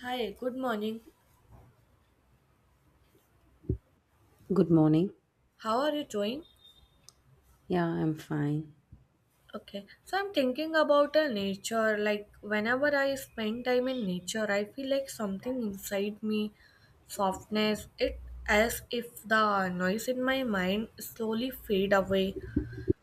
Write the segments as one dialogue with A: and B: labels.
A: Hi, good morning.
B: Good morning.
A: How are you doing?
B: Yeah, I'm fine.
A: Okay, so I'm thinking about the nature. Like, whenever I spend time in nature, I feel like something inside me, softness. It as if the noise in my mind slowly fade away.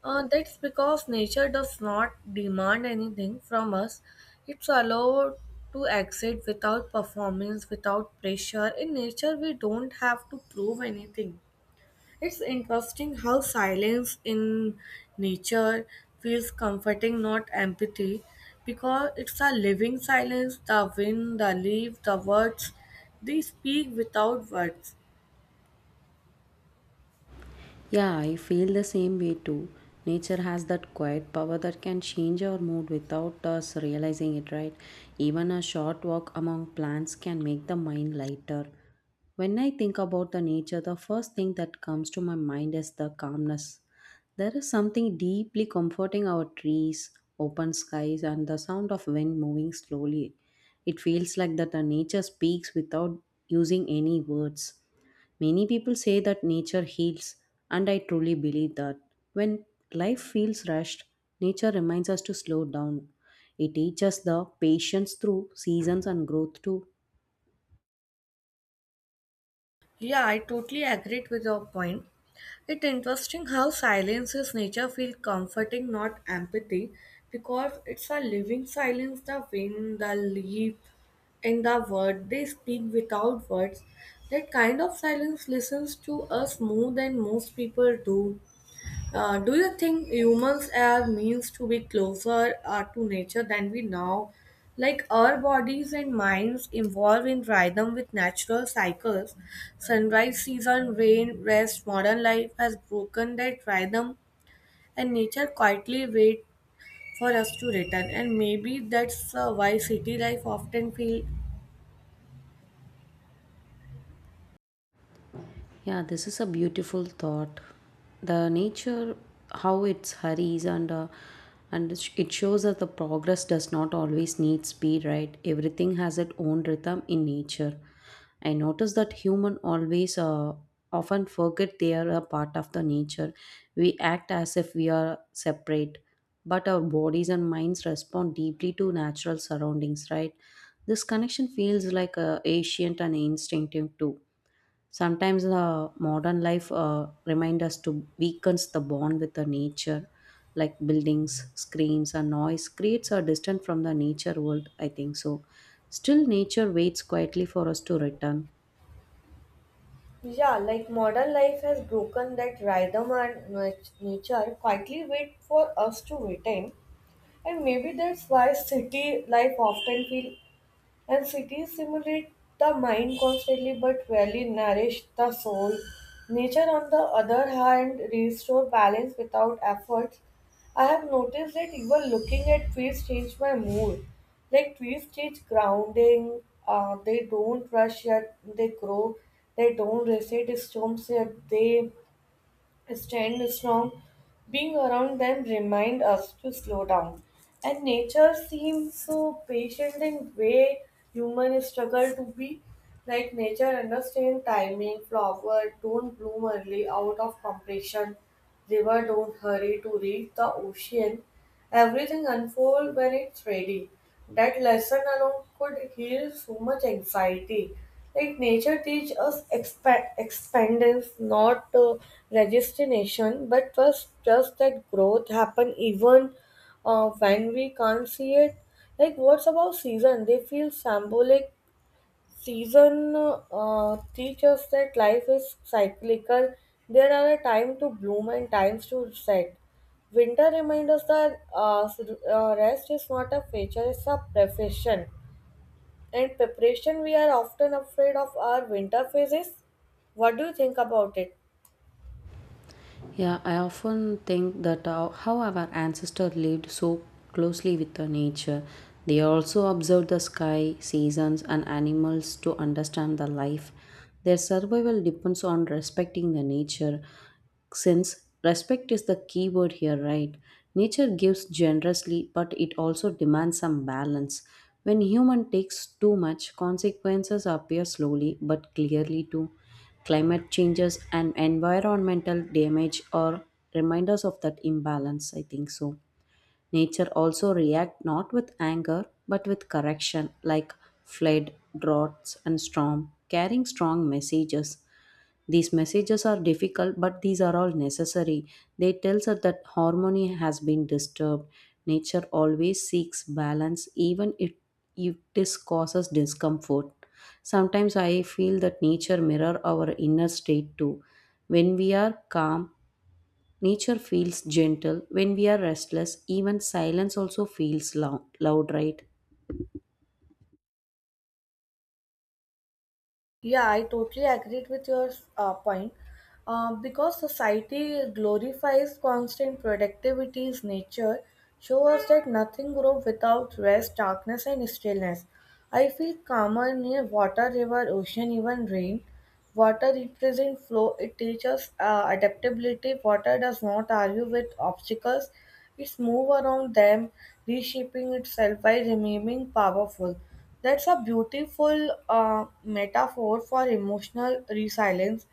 A: That's because nature does not demand anything from us. It's allowed to exist without performance, without pressure. In nature, we don't have to prove anything. It's interesting how silence in nature feels comforting, not empathy, because it's a living silence. The wind, the leaf, the words, they speak without words.
B: Yeah, I feel the same way too. Nature has that quiet power that can change our mood without us realizing it, right? Even a short walk among plants can make the mind lighter. When I think about the nature, the first thing that comes to my mind is the calmness. There is something deeply comforting our trees, open skies, and the sound of wind moving slowly. It feels like that the nature speaks without using any words. Many people say that nature heals, and I truly believe that. When life feels rushed, nature reminds us to slow down. It teaches the patience through seasons and growth too.
A: Yeah, I totally agree with your point. It's interesting how silence's nature feels comforting, not empathy, because it's a living silence, the wind, the leaf, and the word. They speak without words. That kind of silence listens to us more than most people do. Do you think humans are means to be closer to nature than we know? Like our bodies and minds evolve in rhythm with natural cycles. Sunrise, season, rain, rest, modern life has broken that rhythm, and nature quietly waits for us to return. And maybe that's why city life often feels,
B: Yeah, this is a beautiful thought. The nature, how it hurries and it shows that the progress does not always need speed, right? Everything has its own rhythm in nature. I notice that human always often forget they are a part of the nature. We act as if we are separate, but our bodies and minds respond deeply to natural surroundings, right? This connection feels like ancient and instinctive too. Sometimes the modern life reminds us to weakens the bond with the nature, like buildings, screens, and noise creates a distance from the nature world. I think so. Still, nature waits quietly for us to return.
A: yeah, like modern life has broken that rhythm and nature quietly wait for us to return. And maybe that's why city life often feel and cities stimulate the mind constantly but rarely nourish the soul. Nature on the other hand restore balance without effort. I have noticed that even looking at trees change my mood. Like trees change grounding, they don't rush yet they grow, they don't resist storms yet they stand strong. Being around them remind us to slow down. And nature seems so patient in way human struggle to be. Like nature understand timing, flower don't bloom early out of compassion. River don't hurry to reach the ocean. Everything unfolds when it's ready. That lesson alone could heal so much anxiety. Like nature teach us expandence, not resignation, but trust, trust that growth happen even when we can't see it. Like what's about season? They feel symbolic. Season teach us that life is cyclical. There are a time to bloom and times to set. Winter reminds us that rest is not a feature, it's a profession. And preparation, we are often afraid of our winter phases. What do you think about it?
B: Yeah, I often think that how our ancestors lived so closely with the nature. They also observed the sky, seasons, and animals to understand the life. Their survival depends on respecting the nature. Since respect is the key word here, right? Nature gives generously, but it also demands some balance. When human takes too much, consequences appear slowly but clearly too. Climate changes and environmental damage are reminders of that imbalance, I think so. Nature also react not with anger but with correction like flood, droughts and storm, carrying strong messages. These messages are difficult, but these are all necessary. They tells us that harmony has been disturbed. Nature always seeks balance, even if this causes discomfort. Sometimes I feel that nature mirror our inner state too. When we are calm, nature feels gentle. When we are restless, even silence also feels loud, right?
A: Yeah, I totally agreed with your point. Because society glorifies constant productivity's nature, show us that nothing grows without rest, darkness, and stillness. I feel calmer near water, river, ocean, even rain. Water represents flow, it teaches adaptability. Water does not argue with obstacles, it moves around them, reshaping itself by remaining powerful. That's a beautiful metaphor for emotional resilience.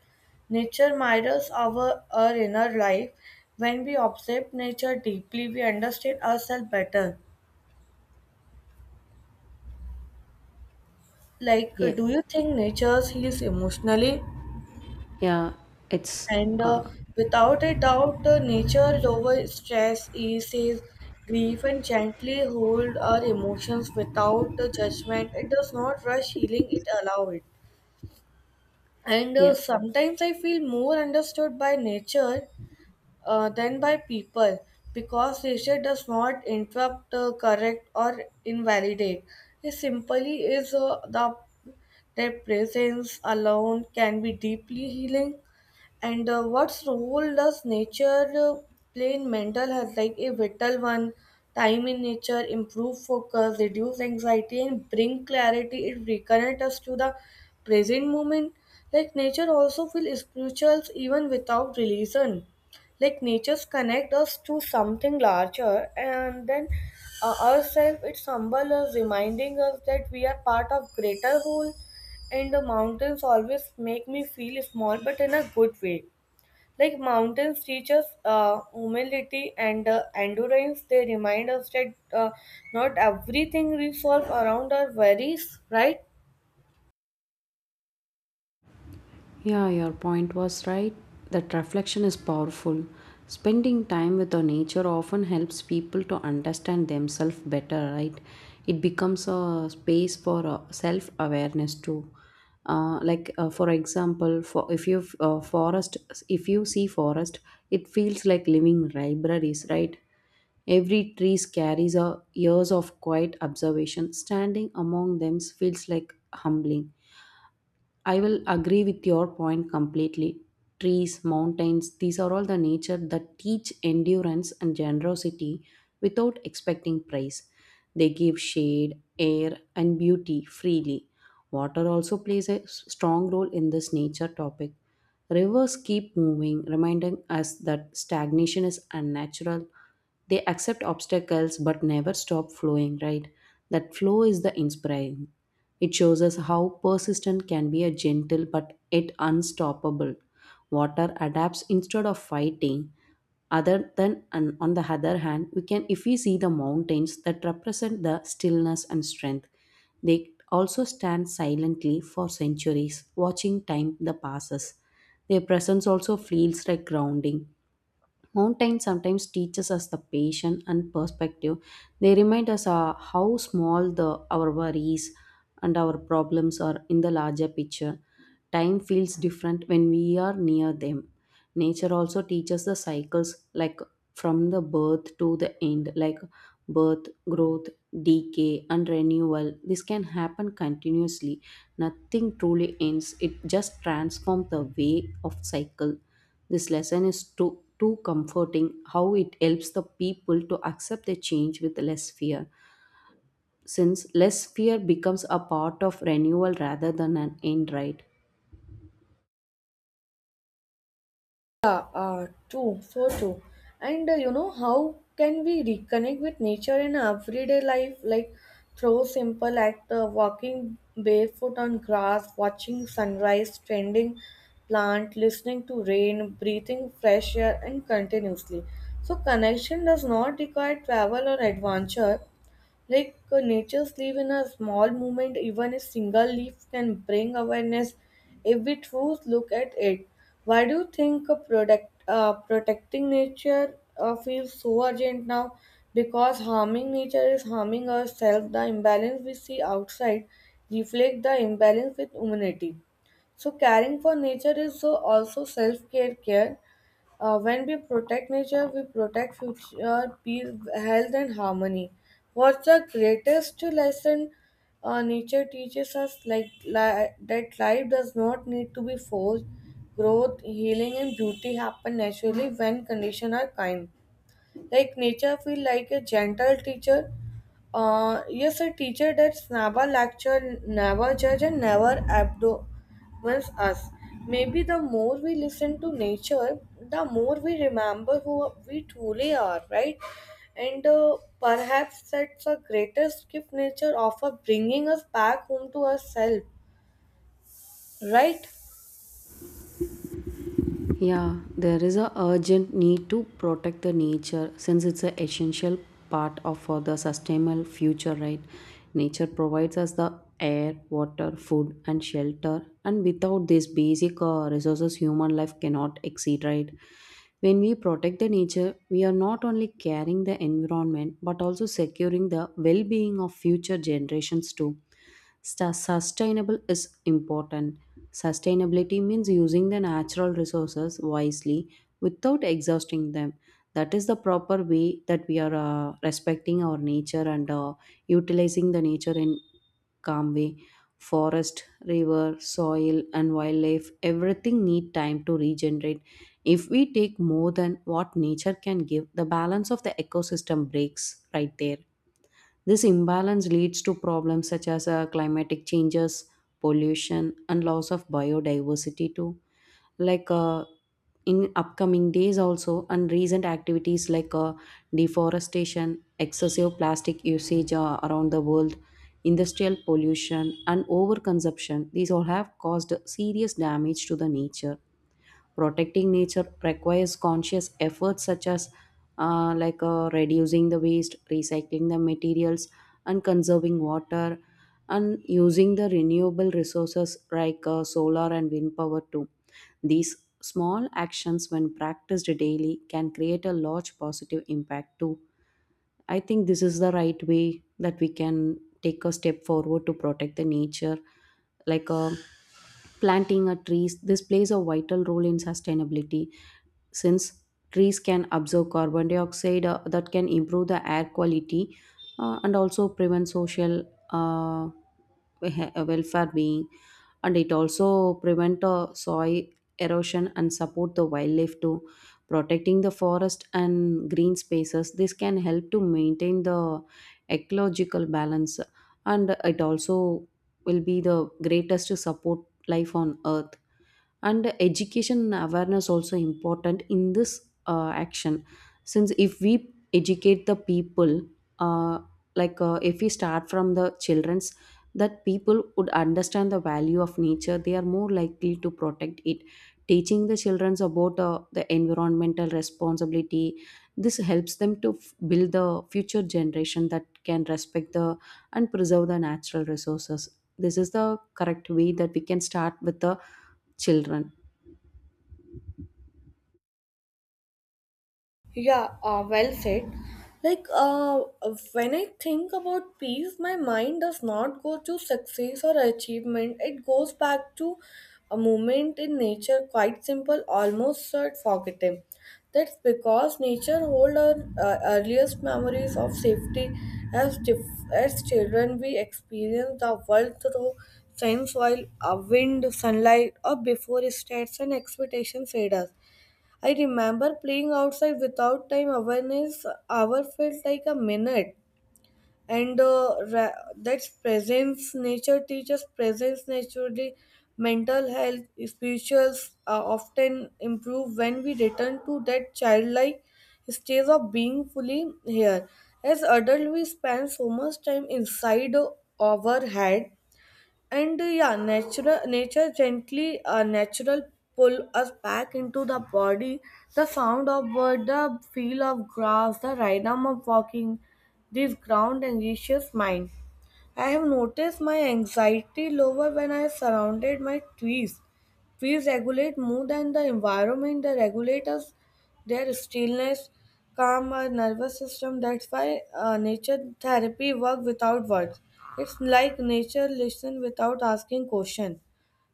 A: Nature mirrors our inner life. When we observe nature deeply, we understand ourselves better. Like,
B: Yeah,
A: do you think nature heals emotionally?
B: yeah, it's,
A: And without a doubt, nature lowers stress, eases grief, and gently hold our emotions without judgment. It does not rush healing; it allows it. And
B: yeah.
A: sometimes I feel more understood by nature than by people because nature does not interrupt, correct, or invalidate. It simply is the their presence alone can be deeply healing. And what role does nature play in mental health? Like a vital one, time in nature, improve focus, reduce anxiety, and bring clarity. It reconnect us to the present moment. Like nature also feel spirituals even without religion. Like natures connect us to something larger, and then ourselves it humble us, reminding us that we are part of greater whole and the mountains always make me feel small, but in a good way. Like mountains teach us humility and endurance. They remind us that not everything we solve around our worries, right?
B: Yeah, your point was right. That reflection is powerful. Spending time with the nature often helps people to understand themselves better, right? It becomes a space for self awareness too. For example, for if you forest, if you see forest, it feels like living libraries, right? Every tree carries a years of quiet observation. Standing among them feels like humbling. I will agree with your point completely. Trees, mountains, these are all the nature that teach endurance and generosity without expecting price. They give shade, air, and beauty freely. Water also plays a strong role in this nature topic. Rivers keep moving, reminding us that stagnation is unnatural. They accept obstacles but never stop flowing, right? That flow is the inspiring. It shows us how persistent can be a gentle but yet unstoppable. Water adapts instead of fighting. Other than and on the other hand, we can if we see the mountains that represent the stillness and strength. They also stand silently for centuries, watching time the passes. Their presence also feels like grounding. Mountains sometimes teaches us the patience and perspective. They remind us how small the our worries and our problems are in the larger picture. Time feels different when we are near them. Nature also teaches the cycles like from the birth to the end, like birth, growth, decay and renewal. This can happen continuously. Nothing truly ends, it just transforms the way of cycle. This lesson is too comforting, how it helps the people to accept the change with less fear, since less fear becomes a part of renewal rather than an end, right?
A: Yeah, true, so true. And you know, how can we reconnect with nature in our everyday life? Like through simple act, walking barefoot on grass, watching sunrise, tending plant, listening to rain, breathing fresh air, and continuously. So connection does not require travel or adventure. Like nature's leaf in a small moment, even a single leaf can bring awareness if we truly look at it. Why do you think protecting nature feels so urgent now? Because harming nature is harming ourselves. The imbalance we see outside reflect the imbalance with humanity. So caring for nature is also self-care care when we protect nature, we protect future peace, health, and harmony. What's the greatest lesson nature teaches us? Like that, life does not need to be forced. Growth, healing, and beauty happen naturally when conditions are kind. Like nature, feel like a gentle teacher, yes, a teacher that never lecture, never judge, and never abdomens us. Maybe the more we listen to nature, the more we remember who we truly are, right? And perhaps that's the greatest gift nature offers, bringing us back home to ourselves, right?
B: Yeah, there is a urgent need to protect the nature since it's an essential part of for the sustainable future, right? Nature provides us the air, water, food, and shelter, and without these basic resources, human life cannot exceed, right? When we protect the nature, we are not only caring the environment but also securing the well-being of future generations too. Sustainable is important. Sustainability means using the natural resources wisely without exhausting them. That is the proper way that we are respecting our nature and utilizing the nature in calm way. Forest, river, soil, and wildlife, everything need time to regenerate. If we take more than what nature can give, the balance of the ecosystem breaks right there. This imbalance leads to problems such as climatic changes, pollution, and loss of biodiversity too. Like uh, in upcoming days also, and recent activities like deforestation, excessive plastic usage around the world, industrial pollution, and overconsumption. These all have caused serious damage to the nature. Protecting nature requires conscious efforts such as reducing the waste, recycling the materials, and conserving water, and using the renewable resources like solar and wind power too. These small actions when practiced daily can create a large positive impact too. I think this is the right way that we can take a step forward to protect the nature. Like uh, Planting a trees, this plays a vital role in sustainability, since trees can absorb carbon dioxide that can improve the air quality, and also prevent social uh, welfare being, and it also prevent soil erosion and support the wildlife too. Protecting the forest and green spaces, this can help to maintain the ecological balance, and it also will be the greatest to support life on earth. And education and awareness also important in this action, since if we educate the people, uh, if we start from the children's, that people would understand the value of nature, they are more likely to protect it. Teaching the children about the environmental responsibility, this helps them to build the future generation that can respect the and preserve the natural resources. This is the correct way that we can start with the children.
A: Yeah, well said. Like, when I think about peace, my mind does not go to success or achievement. It goes back to a moment in nature, quite simple, almost sort forgotten. That's because nature holds our earliest memories of safety. As children, we experience the world through sense, while wind, sunlight, or before states and expectations fade us. I remember playing outside without time awareness. Hour felt like a minute, and that's presence. Nature teaches presence naturally. Mental health, spirituals often improve when we return to that childlike stage of being fully here. As adult, we spend so much time inside our head and yeah natural nature gently natural pull us back into the body, the sound of bird, the feel of grass, the rhythm of walking, this ground anxious mind. I have noticed my anxiety lower when I surrounded my trees. Trees regulate mood and the environment. They regulate us, their stillness, calm our nervous system. That's why nature therapy work without words. It's like nature listen without asking question.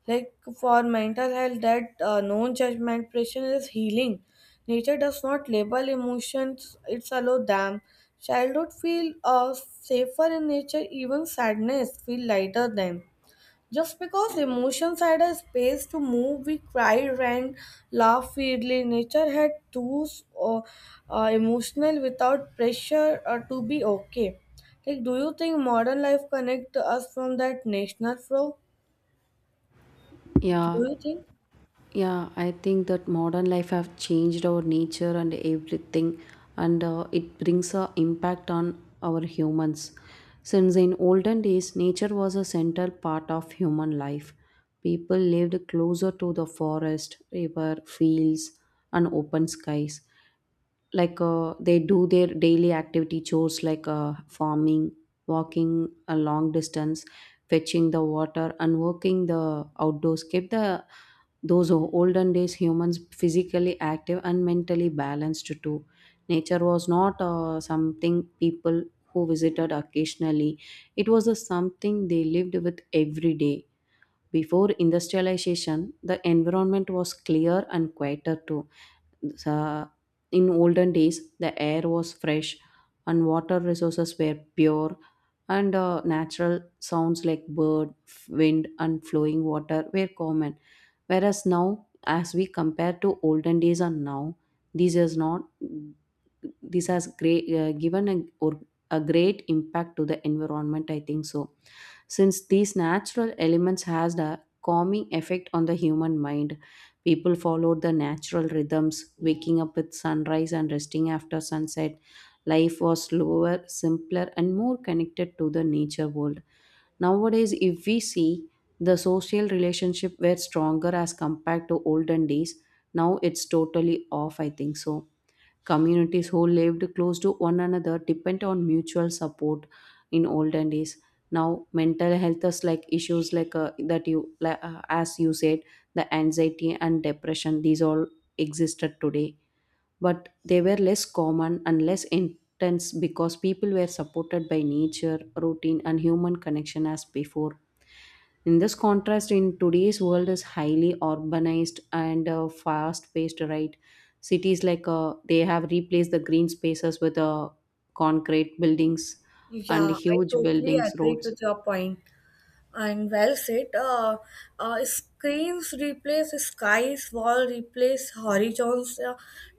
A: Like for mental health, that non-judgment pressure is healing. Nature does not label emotions, it allows them. Childhood feel safer in nature, even sadness feel lighter than. Just because emotions had a space to move, we cried, ran, laughed freely. Nature had tools emotional without pressure to be okay. Like, do you think modern life connect us from that national flow? Do
B: Yeah.
A: you think?
B: Yeah, I think that modern life have changed our nature and everything, and it brings a impact on our humans. Since in olden days, nature was a central part of human life. People lived closer to the forest, river, fields, and open skies. Like they do their daily activity chores like farming, walking a long distance, fetching the water and working the outdoors, keep the those olden days humans physically active and mentally balanced too. Nature was not something people who visited occasionally, it was a something they lived with every day. Before industrialization, the environment was clear and quieter too. sa- in olden days, the air was fresh and water resources were pure, and natural sounds like bird, wind, and flowing water were common. Whereas now, as we compare to olden days and now, this is not this has great given a, or a great impact to the environment. I think so, since these natural elements has the calming effect on the human mind. People followed the natural rhythms, waking up with sunrise and resting after sunset. Life was slower, simpler, and more connected to the nature world. Nowadays, if we see, the social relationship were stronger as compared to olden days. Now it's totally off, I think so. Communities who lived close to one another depend on mutual support in olden days. Now, mental health is like issues like that you, like, as you said, the anxiety and depression, these all existed today, but they were less common and less intense because people were supported by nature, routine, and human connection as before. In this contrast, in today's world is highly urbanized and fast-paced, right? Cities like they have replaced the green spaces with concrete buildings and
A: Yeah, I
B: huge
A: totally
B: buildings,
A: agree
B: roads.
A: with your point, and well said. Screens replace skies, wall replace horizons. Uh,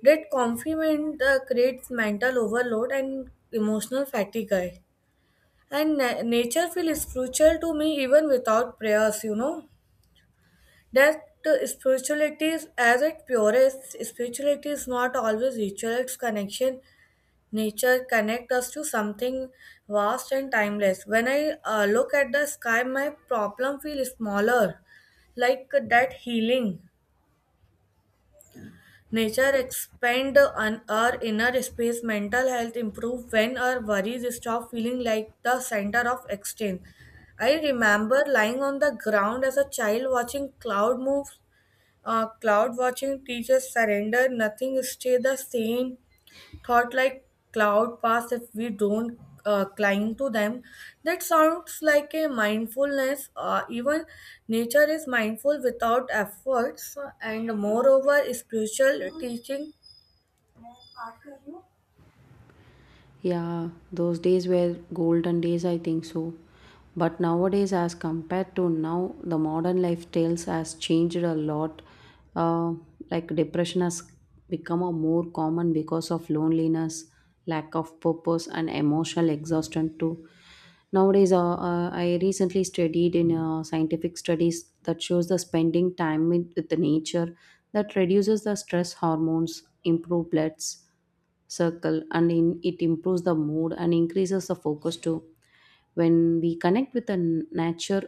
A: that complement creates mental overload and emotional fatigue. And nature feels spiritual to me even without prayers, you know. That spirituality is as its purest. Spirituality is not always ritual, it's connection. Nature connects us to something vast and timeless. When I look at the sky, my problem feels smaller, like that healing. Nature expand on our inner space. Mental health improve when our worries stop feeling like the center of exchange. I remember lying on the ground as a child watching cloud move. Cloud watching teaches surrender. Nothing stay the same, thought like cloud pass if we don't climb to them, that sounds like a mindfulness, even nature is mindful without efforts and moreover spiritual teaching.
B: Yeah, those days were golden days, I think so. But nowadays, as compared to now, the modern lifestyles has changed a lot. Uh, like depression has become a more common because of loneliness, lack of purpose, and emotional exhaustion too. Nowadays, I recently studied in scientific studies that shows the spending time with the nature, that reduces the stress hormones, improve bloods circle and in, it improves the mood and increases the focus too. When we connect with the nature,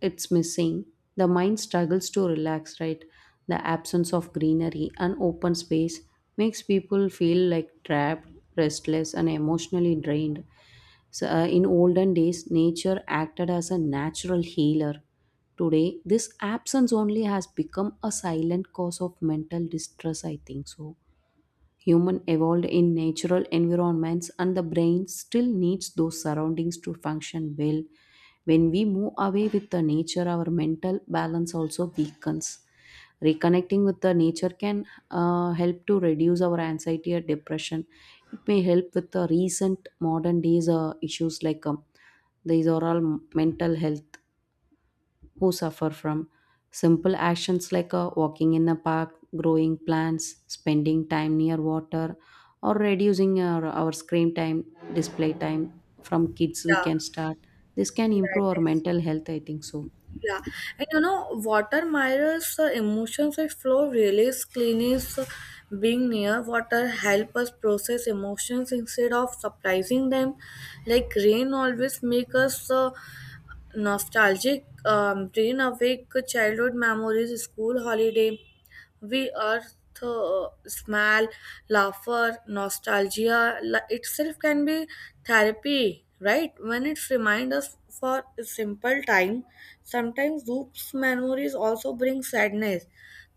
B: it's missing, the mind struggles to relax, right? The absence of greenery and open space makes people feel like trapped, restless and emotionally drained. So, in olden days nature acted as a natural healer, today this absence only has become a silent cause of mental distress, I think so. Human evolved in natural environments and the brain still needs those surroundings to function well. When we move away with the nature, our mental balance also weakens. Reconnecting with the nature can help to reduce our anxiety or depression. It may help with the recent modern days issues like these are all mental health who suffer from simple actions like walking in the park, growing plants, spending time near water, or reducing our screen time, display time from kids. We
A: Yeah.
B: can start. This can
A: yeah it
B: improve our
A: is
B: mental health, I think so.
A: Yeah. And you know, water mirrors emotions, it flow release cleanse, being near water help us process emotions instead of surprising them, like rain always make us nostalgic, bring awake childhood memories, school holiday, we are the smile, laughter, itself can be therapy, right? When it reminds us for a simple time, sometimes those memories also bring sadness.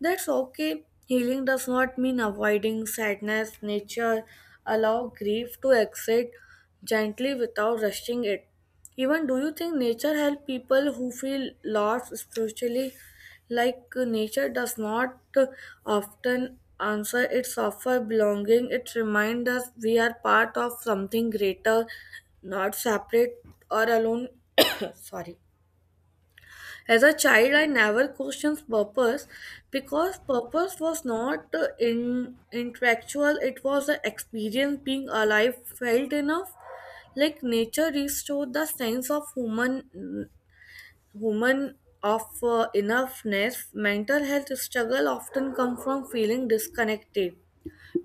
A: That's okay. Healing does not mean avoiding sadness. Nature allow grief to exit gently without rushing it. Even do you think nature help people who feel lost spiritually? Like nature does not often answer its offer belonging, it reminds us we are part of something greater, not separate or alone. Sorry. As a child, I never questioned purpose because purpose was not in intellectual, it was an experience being alive felt enough. Like nature restored the sense of human women of enoughness, mental health struggle often come from feeling disconnected,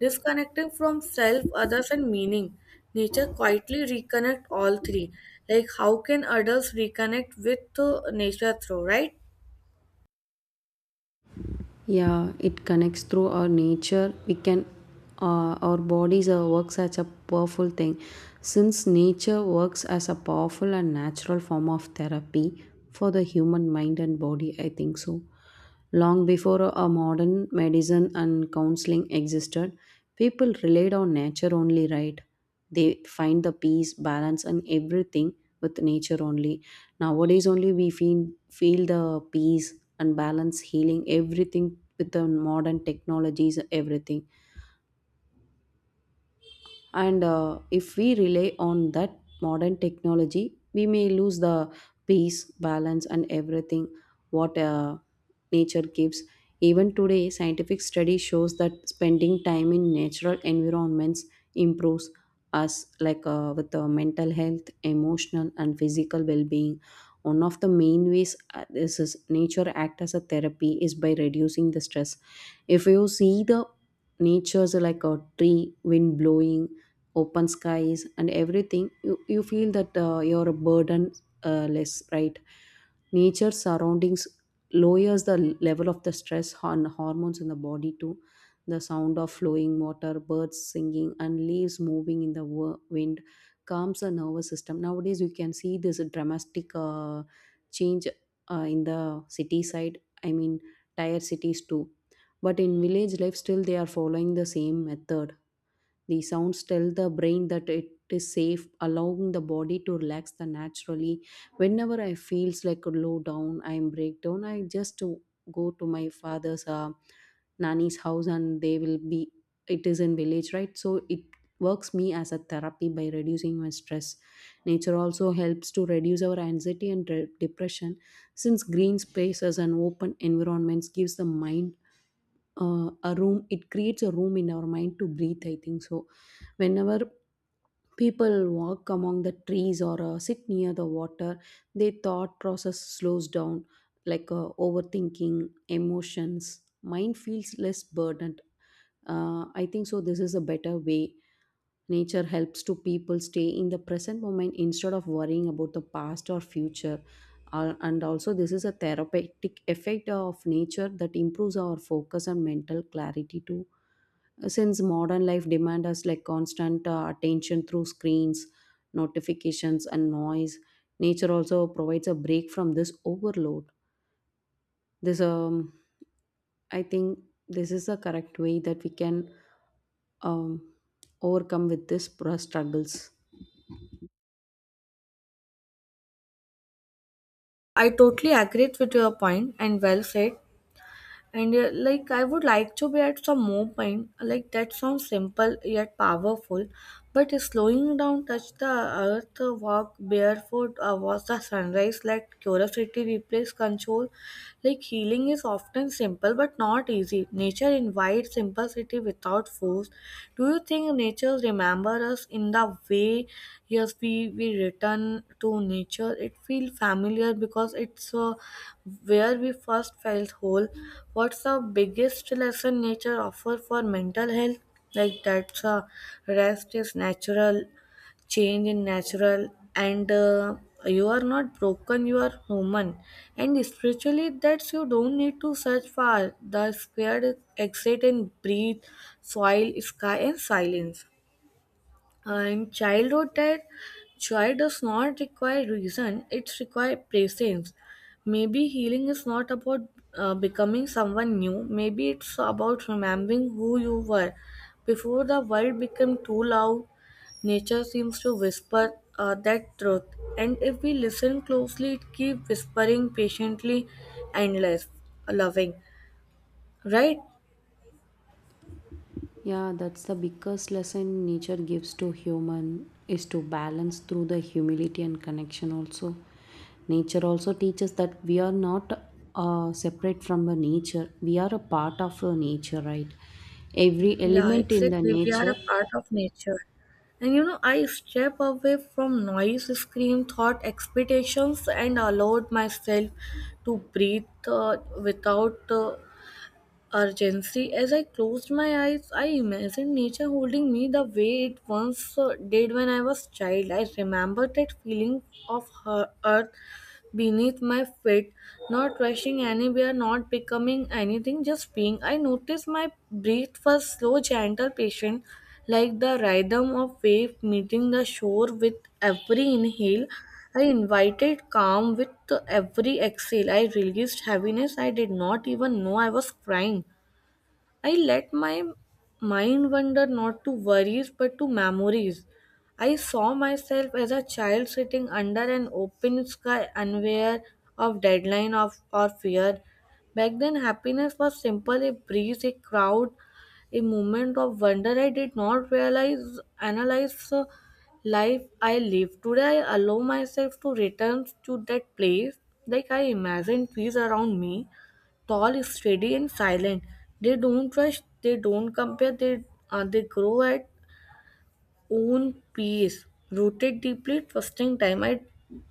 A: disconnecting from self, others, and meaning. Nature quietly reconnect all three. Like how can adults reconnect with nature through right?
B: Yeah, it connects through our nature we can, our bodies are works as a powerful thing, since nature works as a powerful and natural form of therapy for the human mind and body, I think so. Long before a modern medicine and counseling existed, people relied on nature only, right? They find the peace balance and everything with nature only. Nowadays only we feel the peace and balance healing everything with the modern technologies everything. And if we rely on that modern technology we may lose the peace balance and everything what nature gives. Even today scientific study shows that spending time in natural environments improves us like with mental health emotional and physical well-being. One of the main ways this is nature act as a therapy is by reducing the stress. If you see the nature's like a tree wind blowing open skies and everything, you feel that you're burden less, right? Nature surroundings lowers the level of the stress on hormones in the body too. The sound of flowing water, birds singing and leaves moving in the wind calms the nervous system. Nowadays you can see this dramatic change in the city side, I mean tier cities too, but in village life still they are following the same method. The sounds tell the brain that it is safe, allowing the body to relax the naturally. Whenever I feels like low down, I'm breakdown, I just to go to my father's nanny's house and they will be, it is in village right, so it works me as a therapy by reducing my stress. Nature also helps to reduce our anxiety and depression, since green spaces and open environments gives the mind a room. It creates a room in our mind to breathe, I think so. Whenever people walk among the trees or sit near the water, their thought process slows down, like overthinking emotions mind feels less burdened. I think so this is a better way. Nature helps to people stay in the present moment instead of worrying about the past or future. And also, this is a therapeutic effect of nature that improves our focus and mental clarity too, since modern life demand us like constant attention through screens, notifications and noise. Nature also provides a break from this overload. This I think this is the correct way that we can um overcome with this struggles.
A: I totally agree with your point and well said. And like I would like to be at some movement, like that sounds simple yet powerful, but slowing down touch the earth, walk barefoot, watch the sunrise, let curiosity replace control, like healing is often simple but not easy, nature invites simplicity without force. Do you think nature remembers us in the way yes we return to nature? It feels familiar because it's where we first felt whole. What's the biggest lesson nature offers for mental health? Like that's rest is natural, change in natural, and you are not broken, you are human, and spiritually that's you don't need to search far, the squared exit and breathe, soil sky and silence, and childhood that joy does not require reason, it requires presence. Maybe healing is not about becoming someone new, maybe it's about remembering who you were before the world became too loud. Nature seems to whisper that truth, and if we listen closely, it keeps whispering patiently, endless, loving, right?
B: Yeah, that's the biggest lesson nature gives to human is to balance through the humility and connection also. Nature also teaches that we are not separate from the nature. We are a part of the nature, right? Every
A: Yeah,
B: element in the
A: exactly. We are a
B: nature.
A: part of nature. And you know, I step away from noise, scream, thought, expectations, and allowed myself to breathe, without urgency. As I closed my eyes, I imagined nature holding me the way it once did when I was child. I remember that feeling of her earth beneath my feet, not rushing anywhere, not becoming anything, just being. I noticed my breath was slow, gentle, patient, like the rhythm of wave meeting the shore with every inhale. I invited calm with every exhale. I released heaviness. I did not even know I was crying. I let my mind wander not to worries but to memories. I saw myself as a child sitting under an open sky, unaware of deadline of, or fear. Back then, happiness was simple, a breeze, a crowd, a moment of wonder. I did not realize, analyze the life I live. Today, I allow myself to return to that place, like I imagine trees around me, tall, steady, and silent. They don't rush, they don't compare, they grow at own pace, rooted deeply, trusting time. I,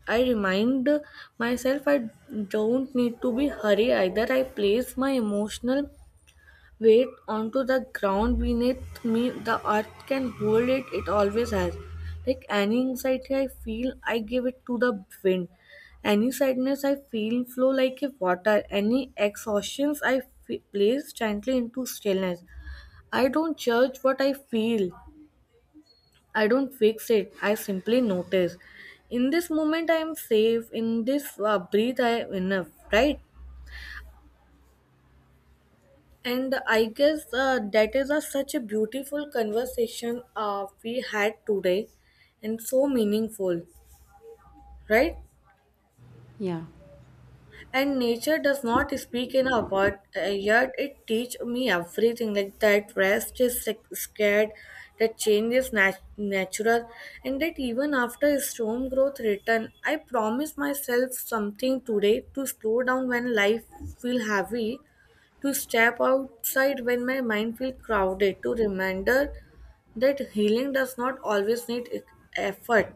A: I remind myself I don't need to be hurry either. I place my emotional weight onto the ground beneath me, the earth can hold it, it always has, like any anxiety I feel I give it to the wind, any sadness I feel flow like a water, any exhaustions I place gently into stillness. I don't judge what I feel, I don't fix it, I simply notice, in this moment I am safe, in this breath I am enough, right? And I guess that is a, such a beautiful conversation we had today and so meaningful, right?
B: Yeah,
A: And nature does not speak in a word, yet it teach me everything, like that rest is like, scared, that change is natural, and that even after a storm growth return, I promise myself something today to slow down when life feel heavy, to step outside when my mind feel crowded, to remember that healing does not always need effort,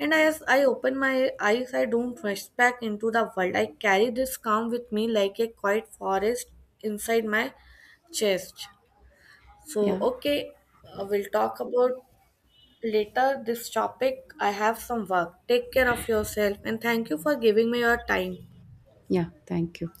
A: and as I open my eyes, I don't rush back into the world. I carry this calm with me like a quiet forest inside my chest. So,
B: yeah,
A: okay, we'll talk about later this topic. I have some work. Take care of yourself and thank you for giving me your time.
B: yeah. Thank you.